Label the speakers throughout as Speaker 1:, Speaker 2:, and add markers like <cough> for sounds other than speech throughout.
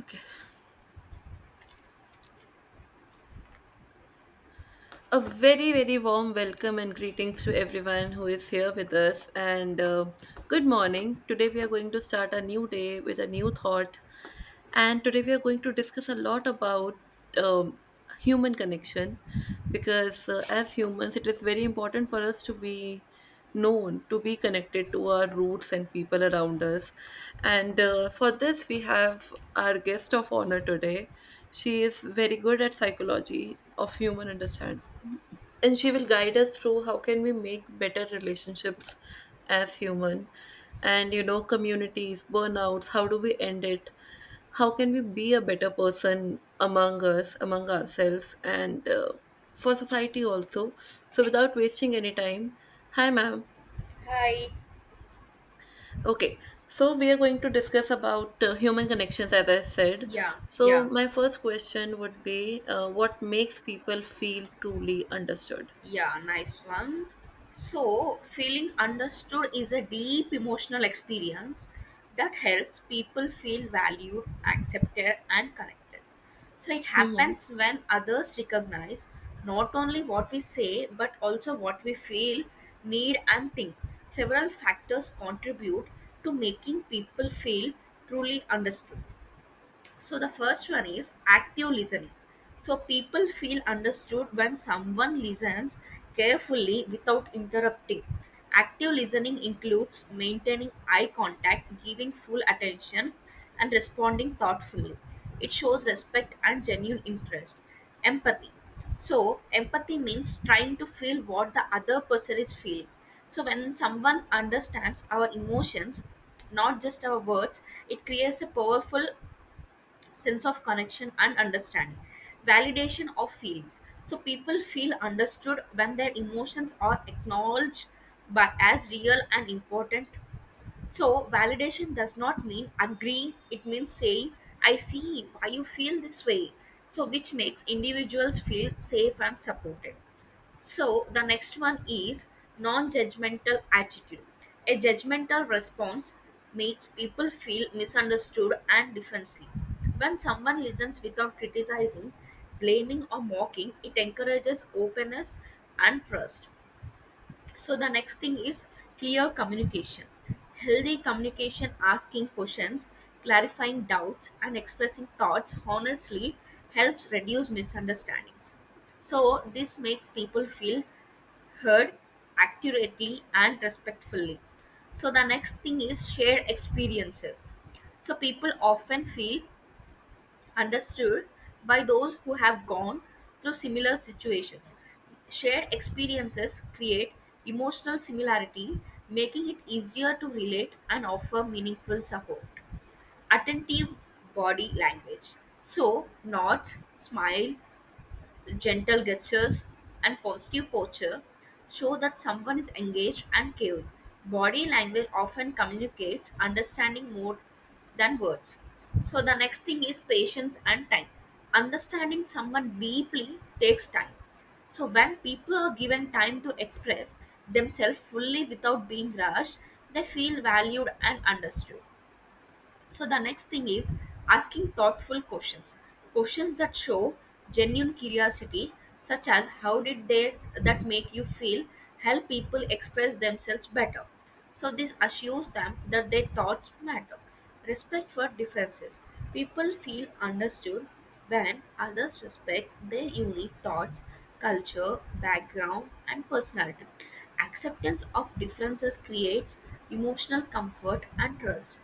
Speaker 1: Okay. A very warm welcome and greetings to everyone who is here with us. And Good morning. Today we are going to start a new day with a new thought. And today we are going to discuss a lot about um, human connection because as humans, it is very important for us to be known, to be connected to our roots and people around us. And For this, we have our guest of honor today. She is very good at psychology of human understanding, and she will guide us through how can we make better relationships as human, and you know communities burnouts, how do we end it, how can we be a better person among us, among ourselves, and for society also. So without wasting any time, hi ma'am.
Speaker 2: Hi.
Speaker 1: Okay, so we are going to discuss about human connections as I said.
Speaker 2: Yeah,
Speaker 1: So
Speaker 2: yeah,
Speaker 1: my first question would be what makes people feel truly understood?
Speaker 2: yeah, nice one. So, feeling understood is a deep emotional experience that helps people feel valued, accepted, and connected. So, it happens when others recognize not only what we say but also what we feel, need, and think. Several factors contribute to making people feel truly understood. So the first one is active listening. So people feel understood when someone listens carefully without interrupting. Active listening includes maintaining eye contact, giving full attention, and responding thoughtfully. It shows respect and genuine interest. Empathy. So, empathy means trying to feel what the other person is feeling. So, when someone understands our emotions, not just our words, it creates a powerful sense of connection and understanding. Validation of feelings: so people feel understood when their emotions are acknowledged by as real and important. So, validation does not mean agreeing, it means saying, I see why you feel this way. So, which makes individuals feel safe and supported. So, the next one is non judgmental attitude. A judgmental response makes people feel misunderstood and defensive. When someone listens without criticizing, blaming, or mocking, it encourages openness and trust. So the next thing is clear communication. Healthy communication, asking questions, clarifying doubts, and expressing thoughts honestly helps reduce misunderstandings. So this makes people feel heard accurately and respectfully. So the next thing is shared experiences. So people often feel understood by those who have gone through similar situations. Shared experiences create emotional similarity, making it easier to relate and offer meaningful support. Attentive body language. So, nods, smile, gentle gestures, and positive posture show that someone is engaged and caring. Body language often communicates understanding more than words. So, the next thing is patience and time. Understanding someone deeply takes time. So, when people are given time to express themselves fully without being rushed, they feel valued and understood. So the next thing is asking thoughtful questions. Questions that show genuine curiosity, such as how did they that make you feel, help people express themselves better. So this assures them that their thoughts matter. Respect for differences. People feel understood when others respect their unique thoughts, culture, background, and personality. Acceptance of differences creates emotional comfort and trust.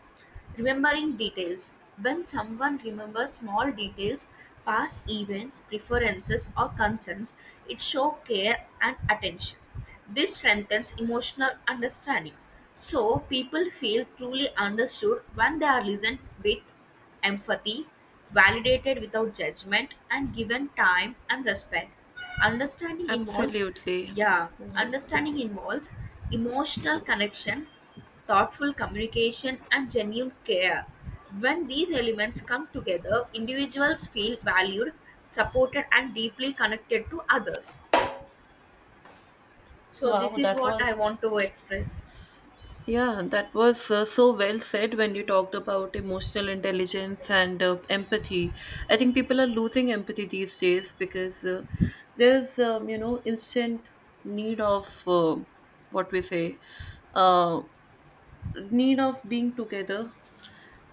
Speaker 2: Remembering details: when someone remembers small details, past events, preferences, or concerns, it shows care and attention. This strengthens emotional understanding. So, people feel truly understood when they are listened with empathy, validated without judgment, and given time and respect. Understanding involves,
Speaker 1: Absolutely.
Speaker 2: yeah, understanding involves emotional connection, thoughtful communication, and genuine care. When these elements come together, individuals feel valued, supported, and deeply connected to others. So,
Speaker 1: Wow,
Speaker 2: this is
Speaker 1: that
Speaker 2: what I
Speaker 1: was…
Speaker 2: want to express.
Speaker 1: Yeah, that was so well said when you talked about emotional intelligence and empathy. I think people are losing empathy these days because there's, instant need of what we say, uh, need of being together,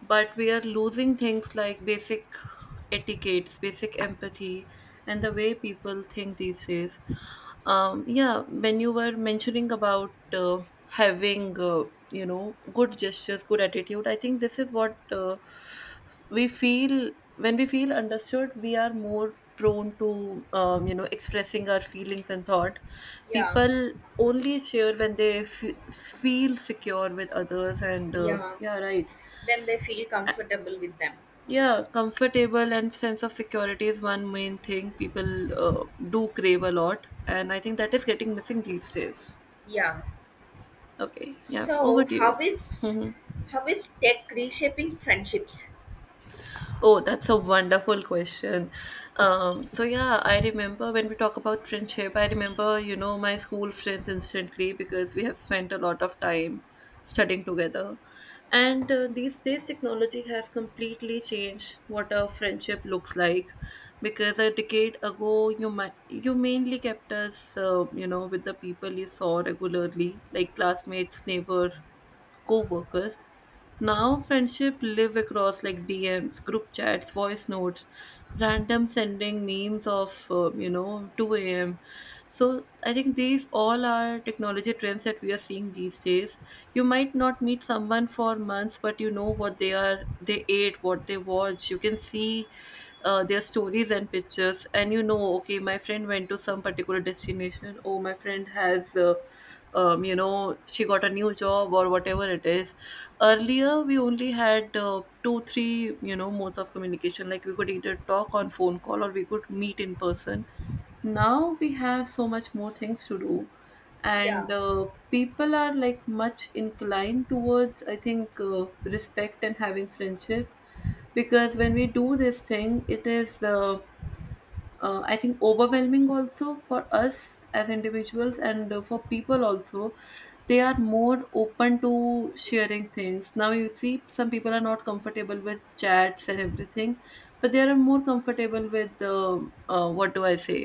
Speaker 1: but we are losing things like basic etiquettes, basic empathy, and the way people think these days. Yeah, when you were mentioning about having you know good gestures, good attitude, I think this is what we feel. When we feel understood, we are more prone to expressing our feelings and thought.
Speaker 2: Yeah,
Speaker 1: People only share when they feel secure with others, and
Speaker 2: yeah.
Speaker 1: yeah, right.
Speaker 2: When they feel comfortable with them.
Speaker 1: Yeah, comfortable and sense of security is one main thing people do crave a lot, and I think that is getting missing these days.
Speaker 2: Yeah.
Speaker 1: Okay, yeah, over
Speaker 2: So
Speaker 1: to you. Hmm.
Speaker 2: how is tech reshaping friendships?
Speaker 1: Oh, that's a wonderful question. So yeah, I remember when we talk about friendship, I remember, you know, my school friends instantly because we have spent a lot of time studying together. And These days, technology has completely changed what a friendship looks like. Because a decade ago, you mainly kept us, you know, with the people you saw regularly, like classmates, neighbor, co-workers. Now friendship live across like DMs, group chats, voice notes, random sending memes of you know 2 a.m. So I think these all are technology trends that we are seeing these days. You might not meet someone for months, but you know what they are, they ate, what they watch. You can see their stories and pictures, and you know, okay, my friend went to some particular destination, oh my friend has you know, she got a new job or whatever it is. Earlier we only had two three, you know, modes of communication, like we could either talk on phone call or we could meet in person. Now we have so much more things to do,
Speaker 2: Yeah,
Speaker 1: and people are like much inclined towards, I think, respect and having friendship, because when we do this thing it is I think overwhelming also for us as individuals, and for people also. They are more open to sharing things now. You see, some people are not comfortable with chats and everything, but they are more comfortable with what do I say,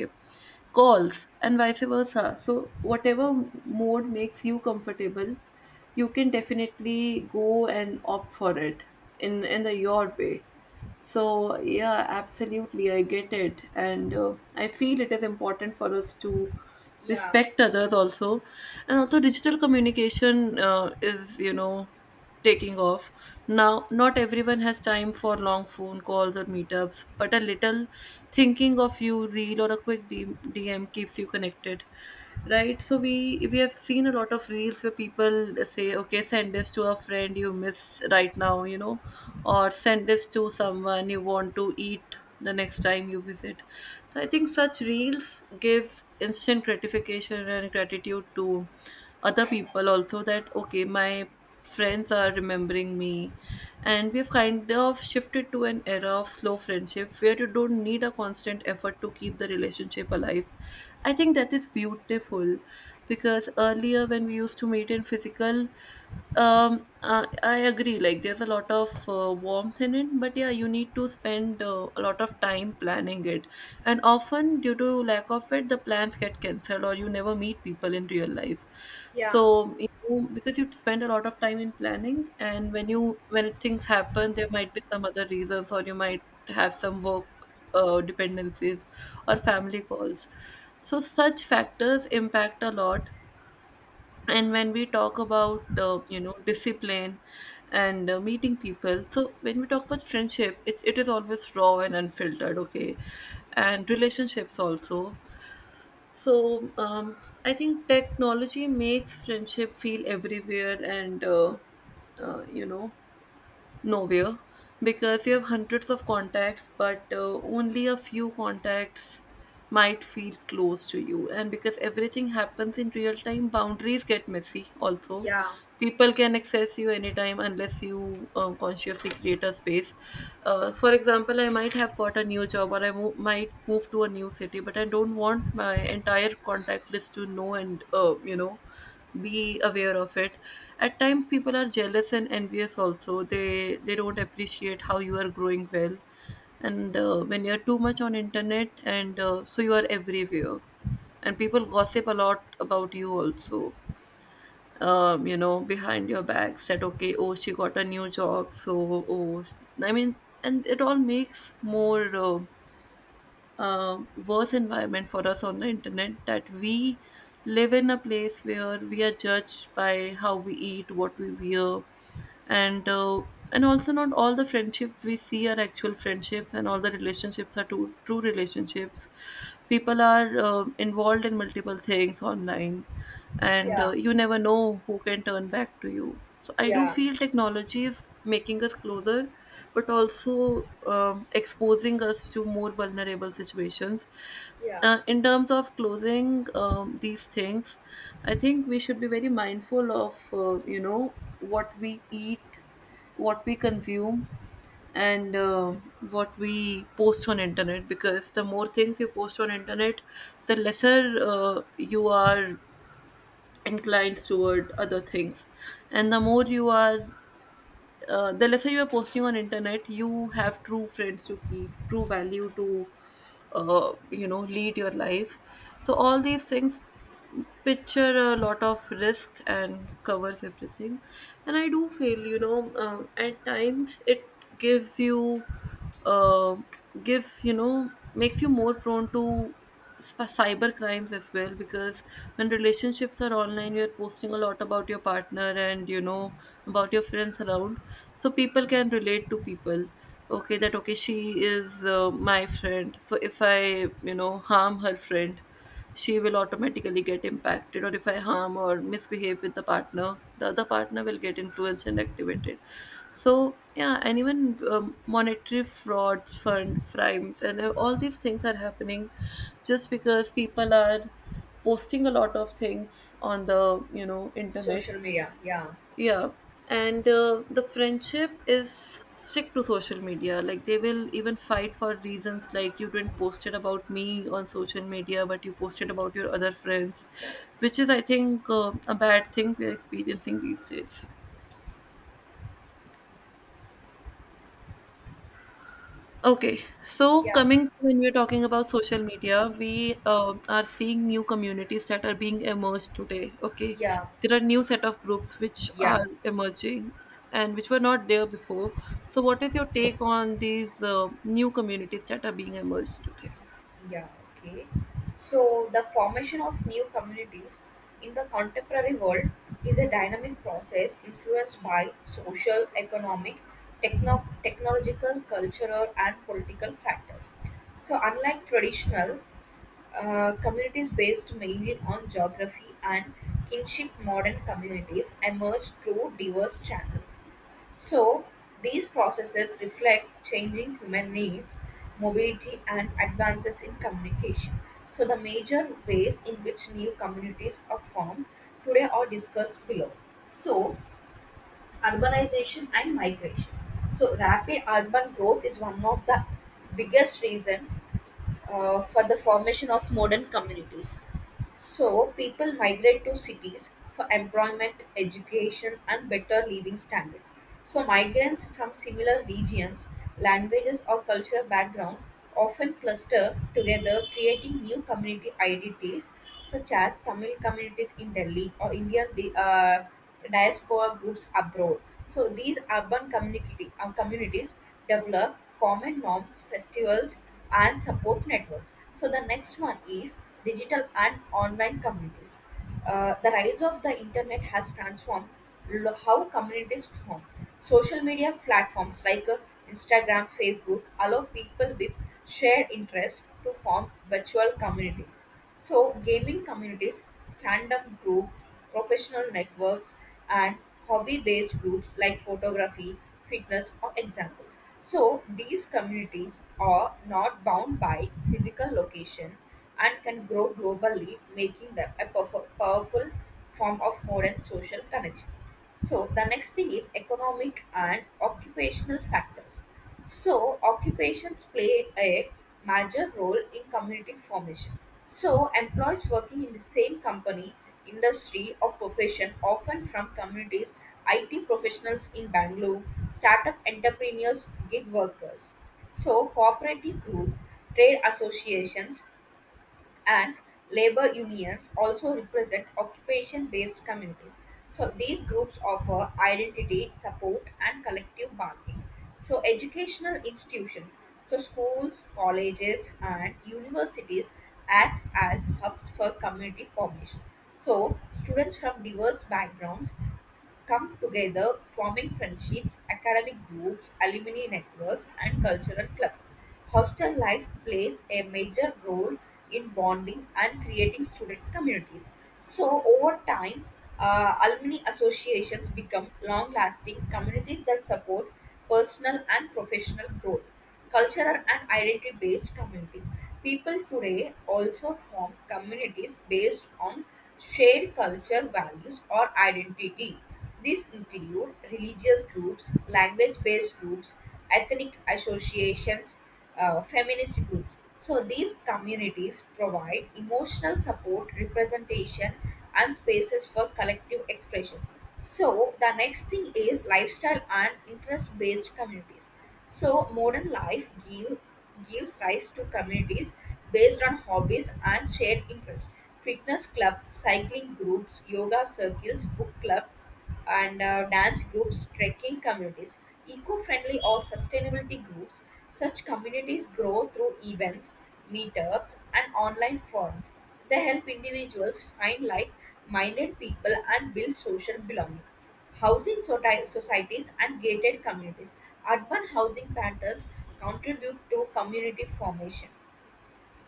Speaker 1: calls and vice versa. So whatever mode makes you comfortable, you can definitely go and opt for it in the your way. So, yeah, absolutely, I get it. And I feel it is important for us to
Speaker 2: yeah,
Speaker 1: respect others also. And also, digital communication is, you know, taking off. Now, not everyone has time for long phone calls or meetups, but a little thinking of you, reel, or a quick DM keeps you connected, right? So we have seen a lot of reels where people say, okay, send this to a friend you miss right now, you know, or send this to someone you want to eat the next time you visit. So I think such reels gives instant gratification and gratitude to other people also, that okay, my friends are remembering me. And we've kind of shifted to an era of slow friendship where you don't need a constant effort to keep the relationship alive. I think that is beautiful, because earlier when we used to meet in physical… I agree, like there's a lot of warmth in it, but yeah, you need to spend a lot of time planning it, and often due to lack of it the plans get cancelled or you never meet people in real life.
Speaker 2: yeah,
Speaker 1: So you know, because you spend a lot of time in planning, and when you, when things happen, there might be some other reasons, or you might have some work dependencies or family calls. So such factors impact a lot. And when we talk about you know, discipline and meeting people, so when we talk about friendship, it is always raw and unfiltered, okay, and relationships also. So I think technology makes friendship feel everywhere and you know, nowhere, because you have hundreds of contacts, but only a few contacts might feel close to you. And because everything happens in real time, boundaries get messy also.
Speaker 2: yeah,
Speaker 1: People can access you anytime unless you consciously create a space. For example, I might have got a new job, or I might move to a new city, but I don't want my entire contact list to know and, you know, be aware of it. At times people are jealous and envious also. They don't appreciate how you are growing well. And When you're too much on internet, and so you are everywhere, and people gossip a lot about you also, you know, behind your backs, that okay, oh, she got a new job, so oh, I mean, and it all makes more worse environment for us on the internet, that we live in a place where we are judged by how we eat, what we wear, and uh, and also not all the friendships we see are actual friendships, and all the relationships are true, true relationships. People are involved in multiple things online, and
Speaker 2: yeah,
Speaker 1: you never know who can turn back to you. So I do
Speaker 2: yeah,
Speaker 1: feel technology is making us closer, but also exposing us to more vulnerable situations.
Speaker 2: yeah.
Speaker 1: In terms of closing these things, I think we should be very mindful of you know, what we eat, what we consume, and what we post on internet. Because the more things you post on internet, the lesser you are inclined toward other things, and the more you are then, let's say you are posting on internet, you have true friends to keep true value to you know, lead your life. So all these things picture a lot of risk and covers everything. And I do feel, you know, at times it gives you uh, gives you know, makes you more prone to cyber crimes as well, because when relationships are online, you're posting a lot about your partner, and you know, about your friends around, so people can relate to people, okay, that okay, she is my friend, so if I, you know, harm her friend, she will automatically get impacted, or if I harm or misbehave with the partner, the other partner will get influenced and activated. So yeah, and even monetary frauds, fund crimes, and all these things are happening just because people are posting a lot of things on the, you know, internet.
Speaker 2: Social media. Yeah,
Speaker 1: Yeah, and the friendship is stick to social media. Like they will even fight for reasons like, you didn't post it about me on social media, but you posted about your other friends, which is I think a bad thing we're experiencing these days. Okay, so
Speaker 2: yeah,
Speaker 1: coming to when we're talking about social media, we are seeing new communities that are being emerged today. Okay,
Speaker 2: yeah,
Speaker 1: there are new set of groups which are
Speaker 2: yeah.
Speaker 1: emerging, and which were not there before. So what is your take on these new communities that are being emerged today?
Speaker 2: Yeah, okay. So, the formation of new communities in the contemporary world is a dynamic process influenced by social, economic, technological, cultural, and political factors. So, unlike traditional communities based mainly on geography and kinship, modern communities emerge through diverse channels. So, these processes reflect changing human needs, mobility, and advances in communication. So, the major ways in which new communities are formed today are discussed below. So, urbanization and migration. So, rapid urban growth is one of the biggest reason for the formation of modern communities. So, people migrate to cities for employment, education, and better living standards. So, migrants from similar regions, languages, or cultural backgrounds often cluster together, creating new community identities such as Tamil communities in Delhi or Indian diaspora groups abroad. So these communities develop common norms, festivals, and support networks. So the next one is digital and online communities. The rise of the internet has transformed how communities form. Social media platforms like Instagram, Facebook allow people with shared interests to form virtual communities. So, gaming communities, fandom groups, professional networks, and hobby based groups like photography, fitness, or examples. So, these communities are not bound by physical location and can grow globally, making them a powerful form of modern social connection. So the next thing is economic and occupational factors. So occupations play a major role in community formation. So employees working in the same company, industry, or profession often from communities, IT professionals in Bangalore, startup entrepreneurs, gig workers. So cooperative groups, trade associations, and labor unions also represent occupation based communities. So these groups offer identity, support, and collective bargaining. So, educational institutions, so schools, colleges, and universities acts as hubs for community formation. So students from diverse backgrounds come together, forming friendships, academic groups, alumni networks, and cultural clubs. Hostel life plays a major role in bonding and creating student communities. So, over time, alumni associations become long lasting communities that support personal and professional growth, cultural and identity based communities. People today also form communities based on shared culture, values, or identity. These include religious groups, language based groups, ethnic associations, feminist groups. So these communities provide emotional support, representation, and spaces for collective expression. So the next thing is lifestyle and interest-based communities. So modern life gives rise to communities based on hobbies and shared interests. Fitness clubs, cycling groups, yoga circles, book clubs, and dance groups, trekking communities, eco friendly or sustainability groups. Such communities grow through events, meetups, and online forums. They help individuals find like minded people and build social belonging. Housing societies and gated communities. Urban housing patterns contribute to community formation.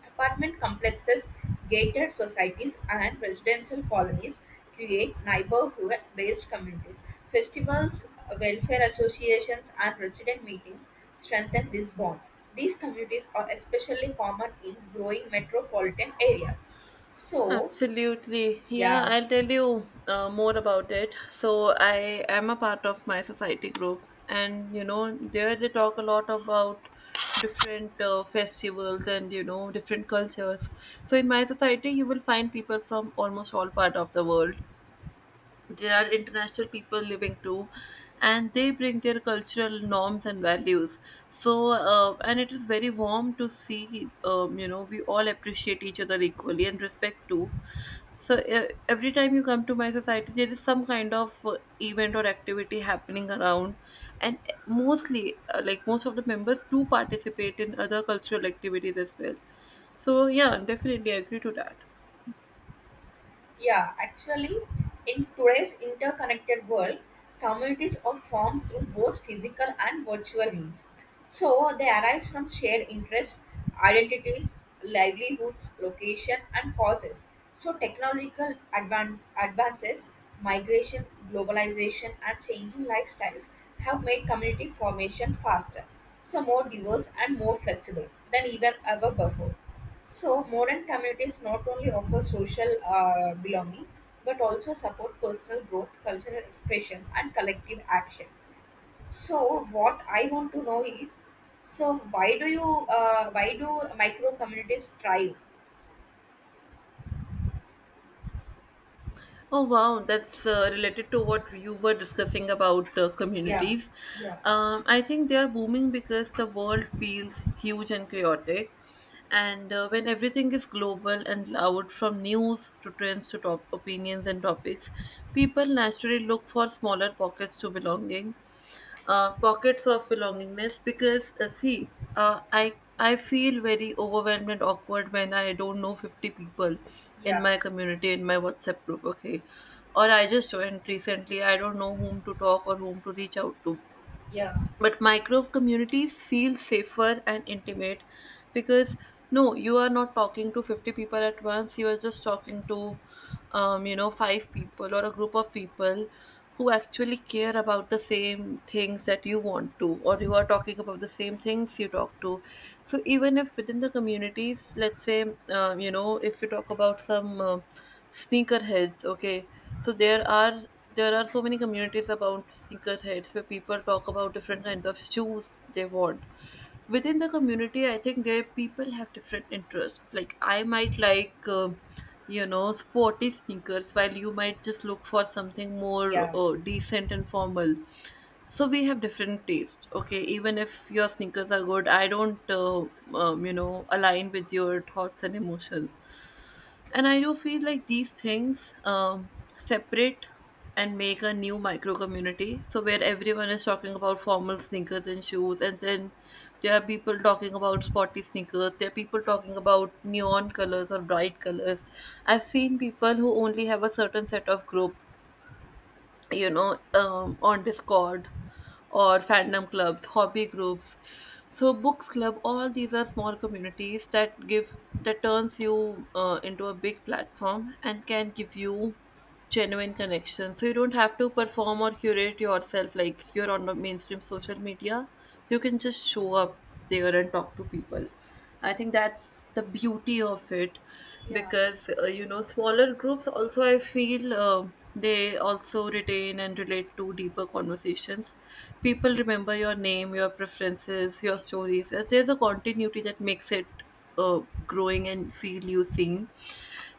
Speaker 2: Apartment complexes, gated societies, and residential colonies create neighborhood based communities. Festivals, welfare associations, and resident meetings strengthen this bond. These communities are especially common in growing metropolitan areas. So,
Speaker 1: Absolutely. Yeah,
Speaker 2: yeah.
Speaker 1: I'll tell you more about it. So I am a part of my society group, and you know, there they talk a lot about different festivals, and you know, different cultures. So, in my society, you will find people from almost all part of the world. There are international people living too, and they bring their cultural norms and values. So and it is very warm to see, we all appreciate each other equally and respect too. So every time you come to my society there is some kind of event or activity happening around, and eh, mostly like most of the members do participate in other cultural activities as well. So yeah, definitely agree to that.
Speaker 2: Yeah, actually, in today's interconnected world, communities are formed through both physical and virtual means. So they arise from shared interests, identities, livelihoods, location, and causes. So technological advances, migration, globalization, and changing lifestyles have made community formation faster, so more diverse and more flexible than even ever before. So modern communities not only offer social belonging but also support personal growth, cultural expression, and collective action. So what I want to know is, so why do you why do micro communities thrive?
Speaker 1: Oh, wow. That's related to what you were discussing about
Speaker 2: Yeah,
Speaker 1: communities.
Speaker 2: yeah,
Speaker 1: I think they are booming because the world feels huge and chaotic. And when everything is global and loud, from news to trends to top opinions and topics, people naturally look for smaller pockets to belonging, pockets of belongingness, because see uh, I I feel very overwhelmed and awkward when I don't know 50 people in
Speaker 2: yeah,
Speaker 1: my community, in my WhatsApp group. Okay, or I just joined recently, I don't know whom to talk or whom to reach out to.
Speaker 2: yeah,
Speaker 1: But micro communities feel safer and intimate, because no, you are not talking to 50 people at once, you are just talking to, you know, five people or a group of people who actually care about the same things that you want to, or you are talking about the same things you talk to. So even if within the communities, let's say, if you talk about some sneakerheads. Okay, so there are so many communities about sneakerheads where people talk about different kinds of shoes they want. Within the community, I think there people have different interests. Like I might like, you know, sporty sneakers, while you might just look for something more
Speaker 2: yeah,
Speaker 1: decent and formal. So we have different taste. Okay, even if your sneakers are good, I don't, you know, align with your thoughts and emotions. And I do feel like these things separate and make a new micro community. So where everyone is talking about formal sneakers and shoes, and then there are people talking about sporty sneakers. There are people talking about neon colors or bright colors. I've seen people who only have a certain set of group, you know, on Discord, or fandom clubs, hobby groups, so books club. All these are small communities that give, that turns you into a big platform and can give you genuine connection, so you don't have to perform or curate yourself like you're on the mainstream social media. You can just show up there and talk to people. I think that's the beauty of it.
Speaker 2: yeah,
Speaker 1: Because you know, smaller groups also, I feel, they also retain and relate to deeper conversations. People remember your name, your preferences, your stories. As there's a continuity that makes it uh, growing and feel you seen.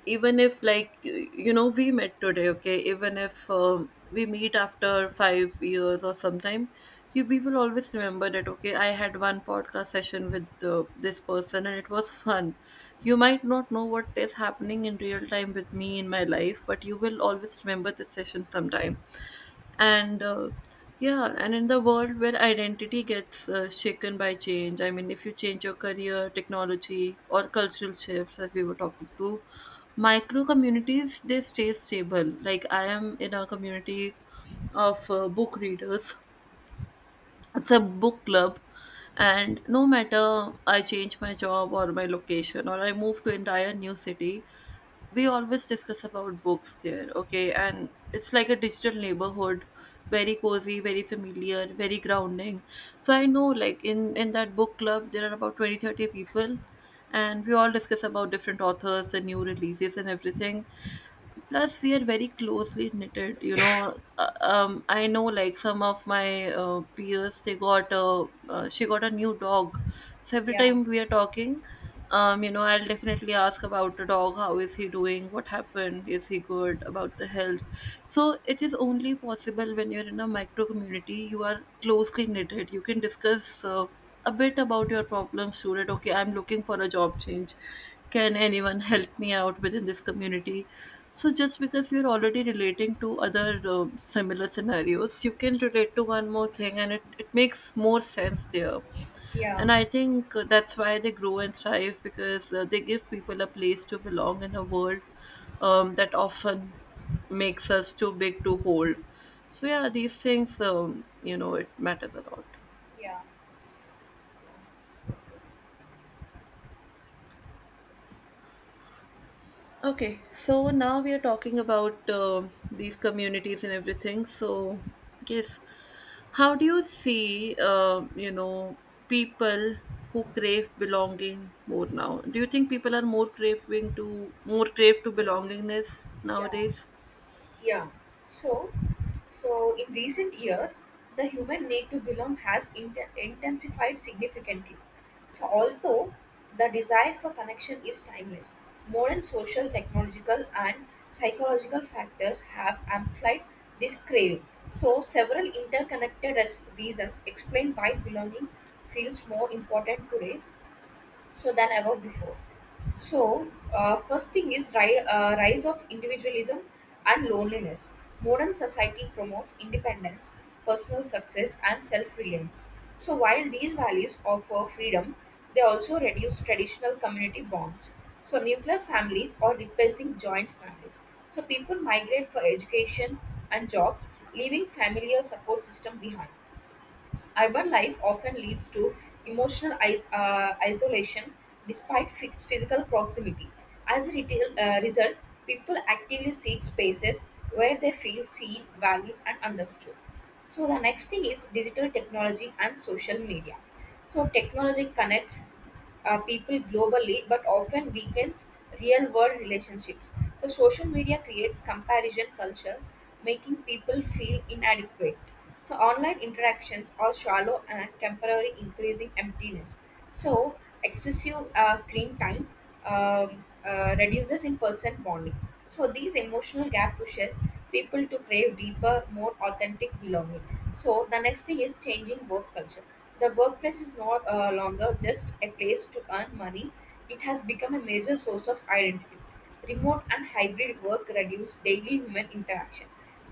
Speaker 1: Even if like you know, we met today, okay, even if we meet after 5 years or sometime, you, we will always remember that, okay, I had one podcast session with this person and it was <laughs> fun. You might not know what is happening in real time with me in my life, but you will always remember this session sometime. And yeah, and in the world where identity gets shaken by change, I mean if you change your career, technology or cultural shifts, as we were talking to, micro communities they stay stable. Like I am in a community of book readers, it's a book club, and no matter I change my job or my location, or I move to entire new city, we always discuss about books there, okay? And it's like a digital neighborhood, very cozy, very familiar, very grounding. So I know like in that book club there are about 20, 30 people, and we all discuss about different authors, the new releases and everything. Plus we are very closely knitted, you know. I know like some of my peers, they got a she got a new dog, so every
Speaker 2: yeah,
Speaker 1: time we are talking, you know, I'll definitely ask about the dog, how is he doing, what happened, is he good about the health. So it is only possible when you're in a micro community, you are closely knitted, you can discuss a bit about your problems to it. Okay, I'm looking for a job change, can anyone help me out within this community. So just because you're already relating to other similar scenarios, you can relate to one more thing, and it makes more sense there.
Speaker 2: yeah,
Speaker 1: And I think that's why they grow and thrive, because they give people a place to belong in a world that often makes us too big to hold. So yeah, these things, it matters a lot.
Speaker 2: yeah.
Speaker 1: Okay, so now we are talking about these communities and everything. So, yes, how do you see, people who crave belonging more now? Do you think people are more craving to, more crave to belongingness
Speaker 2: Yeah.
Speaker 1: nowadays?
Speaker 2: Yeah. So, in recent years, the human need to belong has intensified significantly. So, although the desire for connection is timeless, modern social, technological, and psychological factors have amplified this craving. So, several interconnected reasons explain why belonging feels more important today so than ever before. So, first thing is rise of individualism and loneliness. Modern society promotes independence, personal success, and self-reliance. So, while these values offer freedom, they also reduce traditional community bonds. So, nuclear families or replacing joint families. So, people migrate for education and jobs, leaving familiar support system behind. Urban life often leads to emotional isolation despite fixed physical proximity. As a result, people actively seek spaces where they feel seen, valued, and understood. So, the next thing is digital technology and social media. So, technology connects people globally but often weakens real world relationships. So, social media creates comparison culture, making people feel inadequate. So online interactions are shallow and temporary, increasing emptiness. So excessive screen time reduces in-person bonding. So these emotional gap pushes people to crave deeper, more authentic belonging. So the next thing is changing work culture. The workplace is no longer just a place to earn money; it has become a major source of identity. Remote and hybrid work reduce daily human interaction.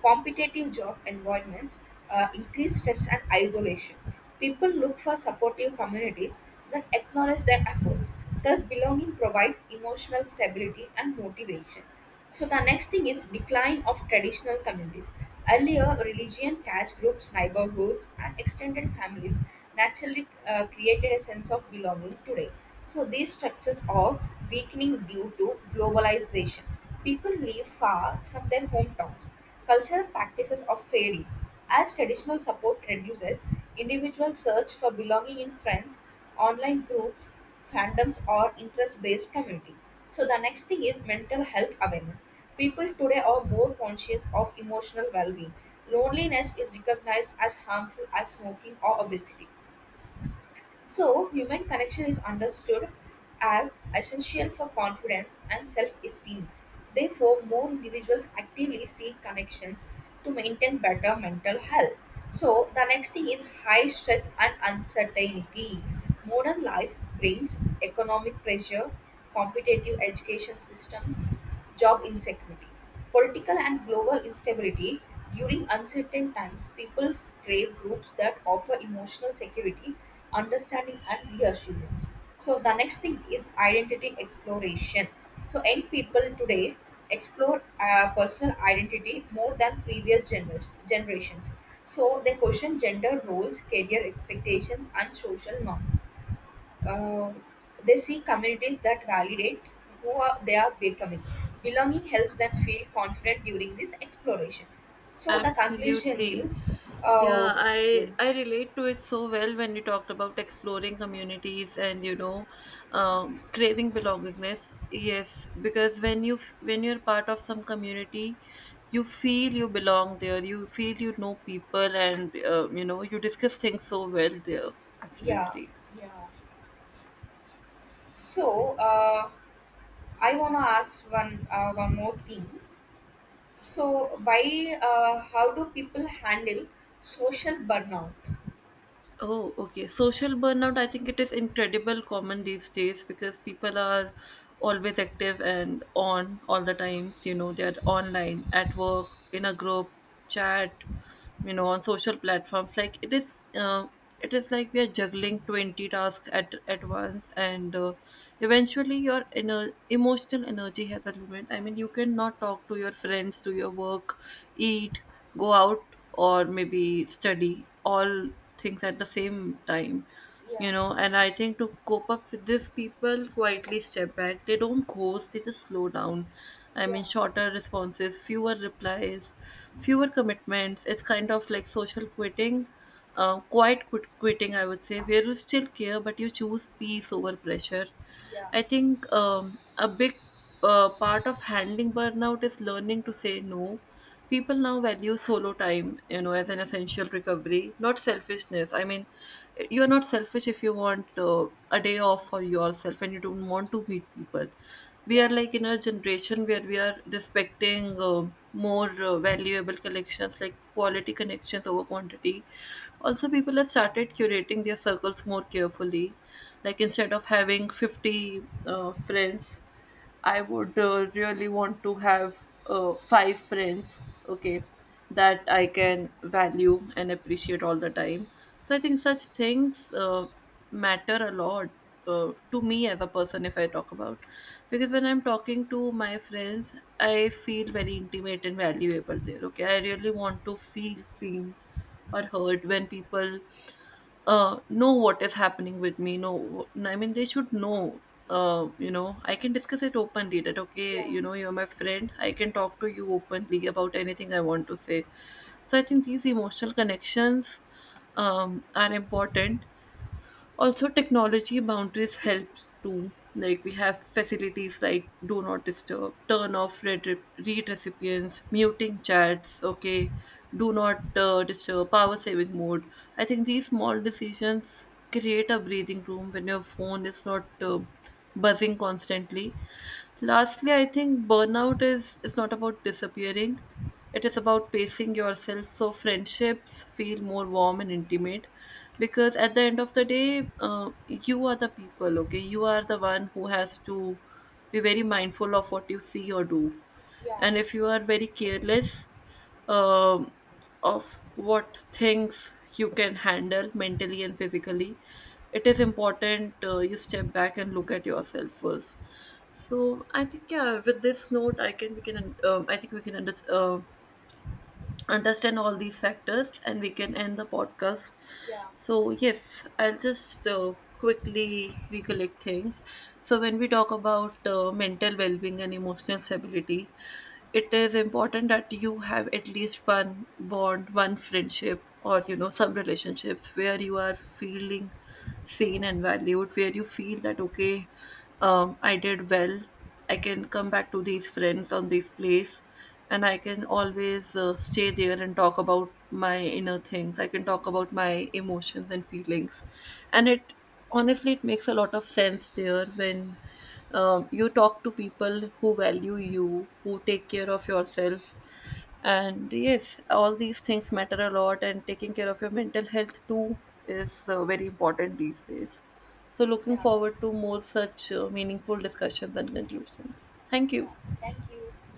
Speaker 2: Competitive job environments increase stress and isolation. People look for supportive communities that acknowledge their efforts. Thus, belonging provides emotional stability and motivation. So the next thing is decline of traditional communities. Earlier, religion, caste groups, neighborhoods, and extended families naturally created a sense of belonging today. So these structures are weakening due to globalization. People live far from their hometowns. Cultural practices are fading. As traditional support reduces, individuals search for belonging in friends, online groups, fandoms, or interest based community. So, the next thing is mental health awareness. People today are more conscious of emotional well being. Loneliness is recognized as harmful as smoking or obesity. So, human connection is understood as essential for confidence and self esteem. Therefore, more individuals actively seek connections to maintain better mental health. So, the next thing is high stress and uncertainty. Modern life brings economic pressure, competitive education systems, job insecurity. Political and global instability. During uncertain times, people crave groups that offer emotional security, understanding, and reassurance. So, the next thing is identity exploration. So, young people today explore personal identity more than previous generations. So, they question gender roles, career expectations, and social norms. uh, they seek communities that validate who are, they are becoming. Belonging helps them feel confident during this exploration. So the conclusion
Speaker 1: Absolutely.
Speaker 2: is, uh,
Speaker 1: Yeah, I relate to it so well when you talked about exploring communities and craving belongingness. Yes, because when you when you're part of some community, you feel you belong there. You feel you know people, and you know you discuss things so well there.
Speaker 2: yeah,
Speaker 1: Absolutely.
Speaker 2: yeah. So I wanna ask one more thing. So why, how do people handle social burnout?
Speaker 1: Oh, okay. Social burnout, I think it is incredible common these days, because people are always active and on all the times. You know, they're online, at work, in a group, chat, you know, on social platforms. Like it is like we are juggling 20 tasks at once, and eventually your inner emotional energy has a limit. I mean, you cannot talk to your friends, do your work, eat, go out, or maybe study, all things at the same time,
Speaker 2: Yeah,
Speaker 1: you know. And I think to cope up with this, people quietly step back. They don't ghost, they just slow down. I mean
Speaker 2: yeah,
Speaker 1: shorter responses, fewer replies, fewer commitments. It's kind of like social quitting, quiet quitting, I would say, where you still care but you choose peace over pressure.
Speaker 2: yeah,
Speaker 1: I think a big part of handling burnout is learning to say no. People now value solo time, you know, as an essential recovery, not selfishness. I mean, you're not selfish if you want a day off for yourself and you don't want to meet people. We are
Speaker 2: yeah,
Speaker 1: like in a generation where we are respecting more valuable connections, like quality connections over quantity. Also, people have started curating their circles more carefully. Like instead of having 50 friends, I would really want to have five friends, okay, that I can value and appreciate all the time. So I think such things matter a lot to me as a person, if I talk about. Because when I'm talking to my friends, I feel very intimate and valuable there, okay. I really want to feel seen or heard when people know what is happening with me. Know, I mean, they should know. I can discuss it openly. That okay,
Speaker 2: yeah,
Speaker 1: you know, you're my friend, I can talk to you openly about anything I want to say. So I think these emotional connections are important. Also technology boundaries helps too, like we have facilities like do not disturb, turn off read recipients, muting chats, okay, do not disturb, power saving mode. I think these small decisions create a breathing room when your phone is not buzzing constantly. Lastly, I think burnout is not about disappearing, it is about pacing yourself, so friendships feel more warm and intimate. Because at the end of the day, you are the people, okay? You are the one who has to be very mindful of what you see or do,
Speaker 2: yeah,
Speaker 1: and if you are very careless um, of what things you can handle mentally and physically, it is important you step back and look at yourself first. So I think yeah, with this note I can we can, I think we can understand all these factors, and we can end the podcast.
Speaker 2: yeah,
Speaker 1: So, yes, I'll just quickly recollect things. So when we talk about mental well being and emotional stability, it is important that you have at least one bond, one friendship, or you know, some relationships where you are feeling seen and valued, where you feel that okay, I did well, I can come back to these friends on this place, and I can always stay there and talk about my inner things. I can talk about my emotions and feelings, and it honestly it makes a lot of sense there when you talk to people who value you, who take care of yourself, and yes, all these things matter a lot. And taking care of your mental health too is very important these days. So, looking
Speaker 2: yeah,
Speaker 1: forward to more such meaningful discussions and conclusions. Thank you.
Speaker 2: yeah. Thank you.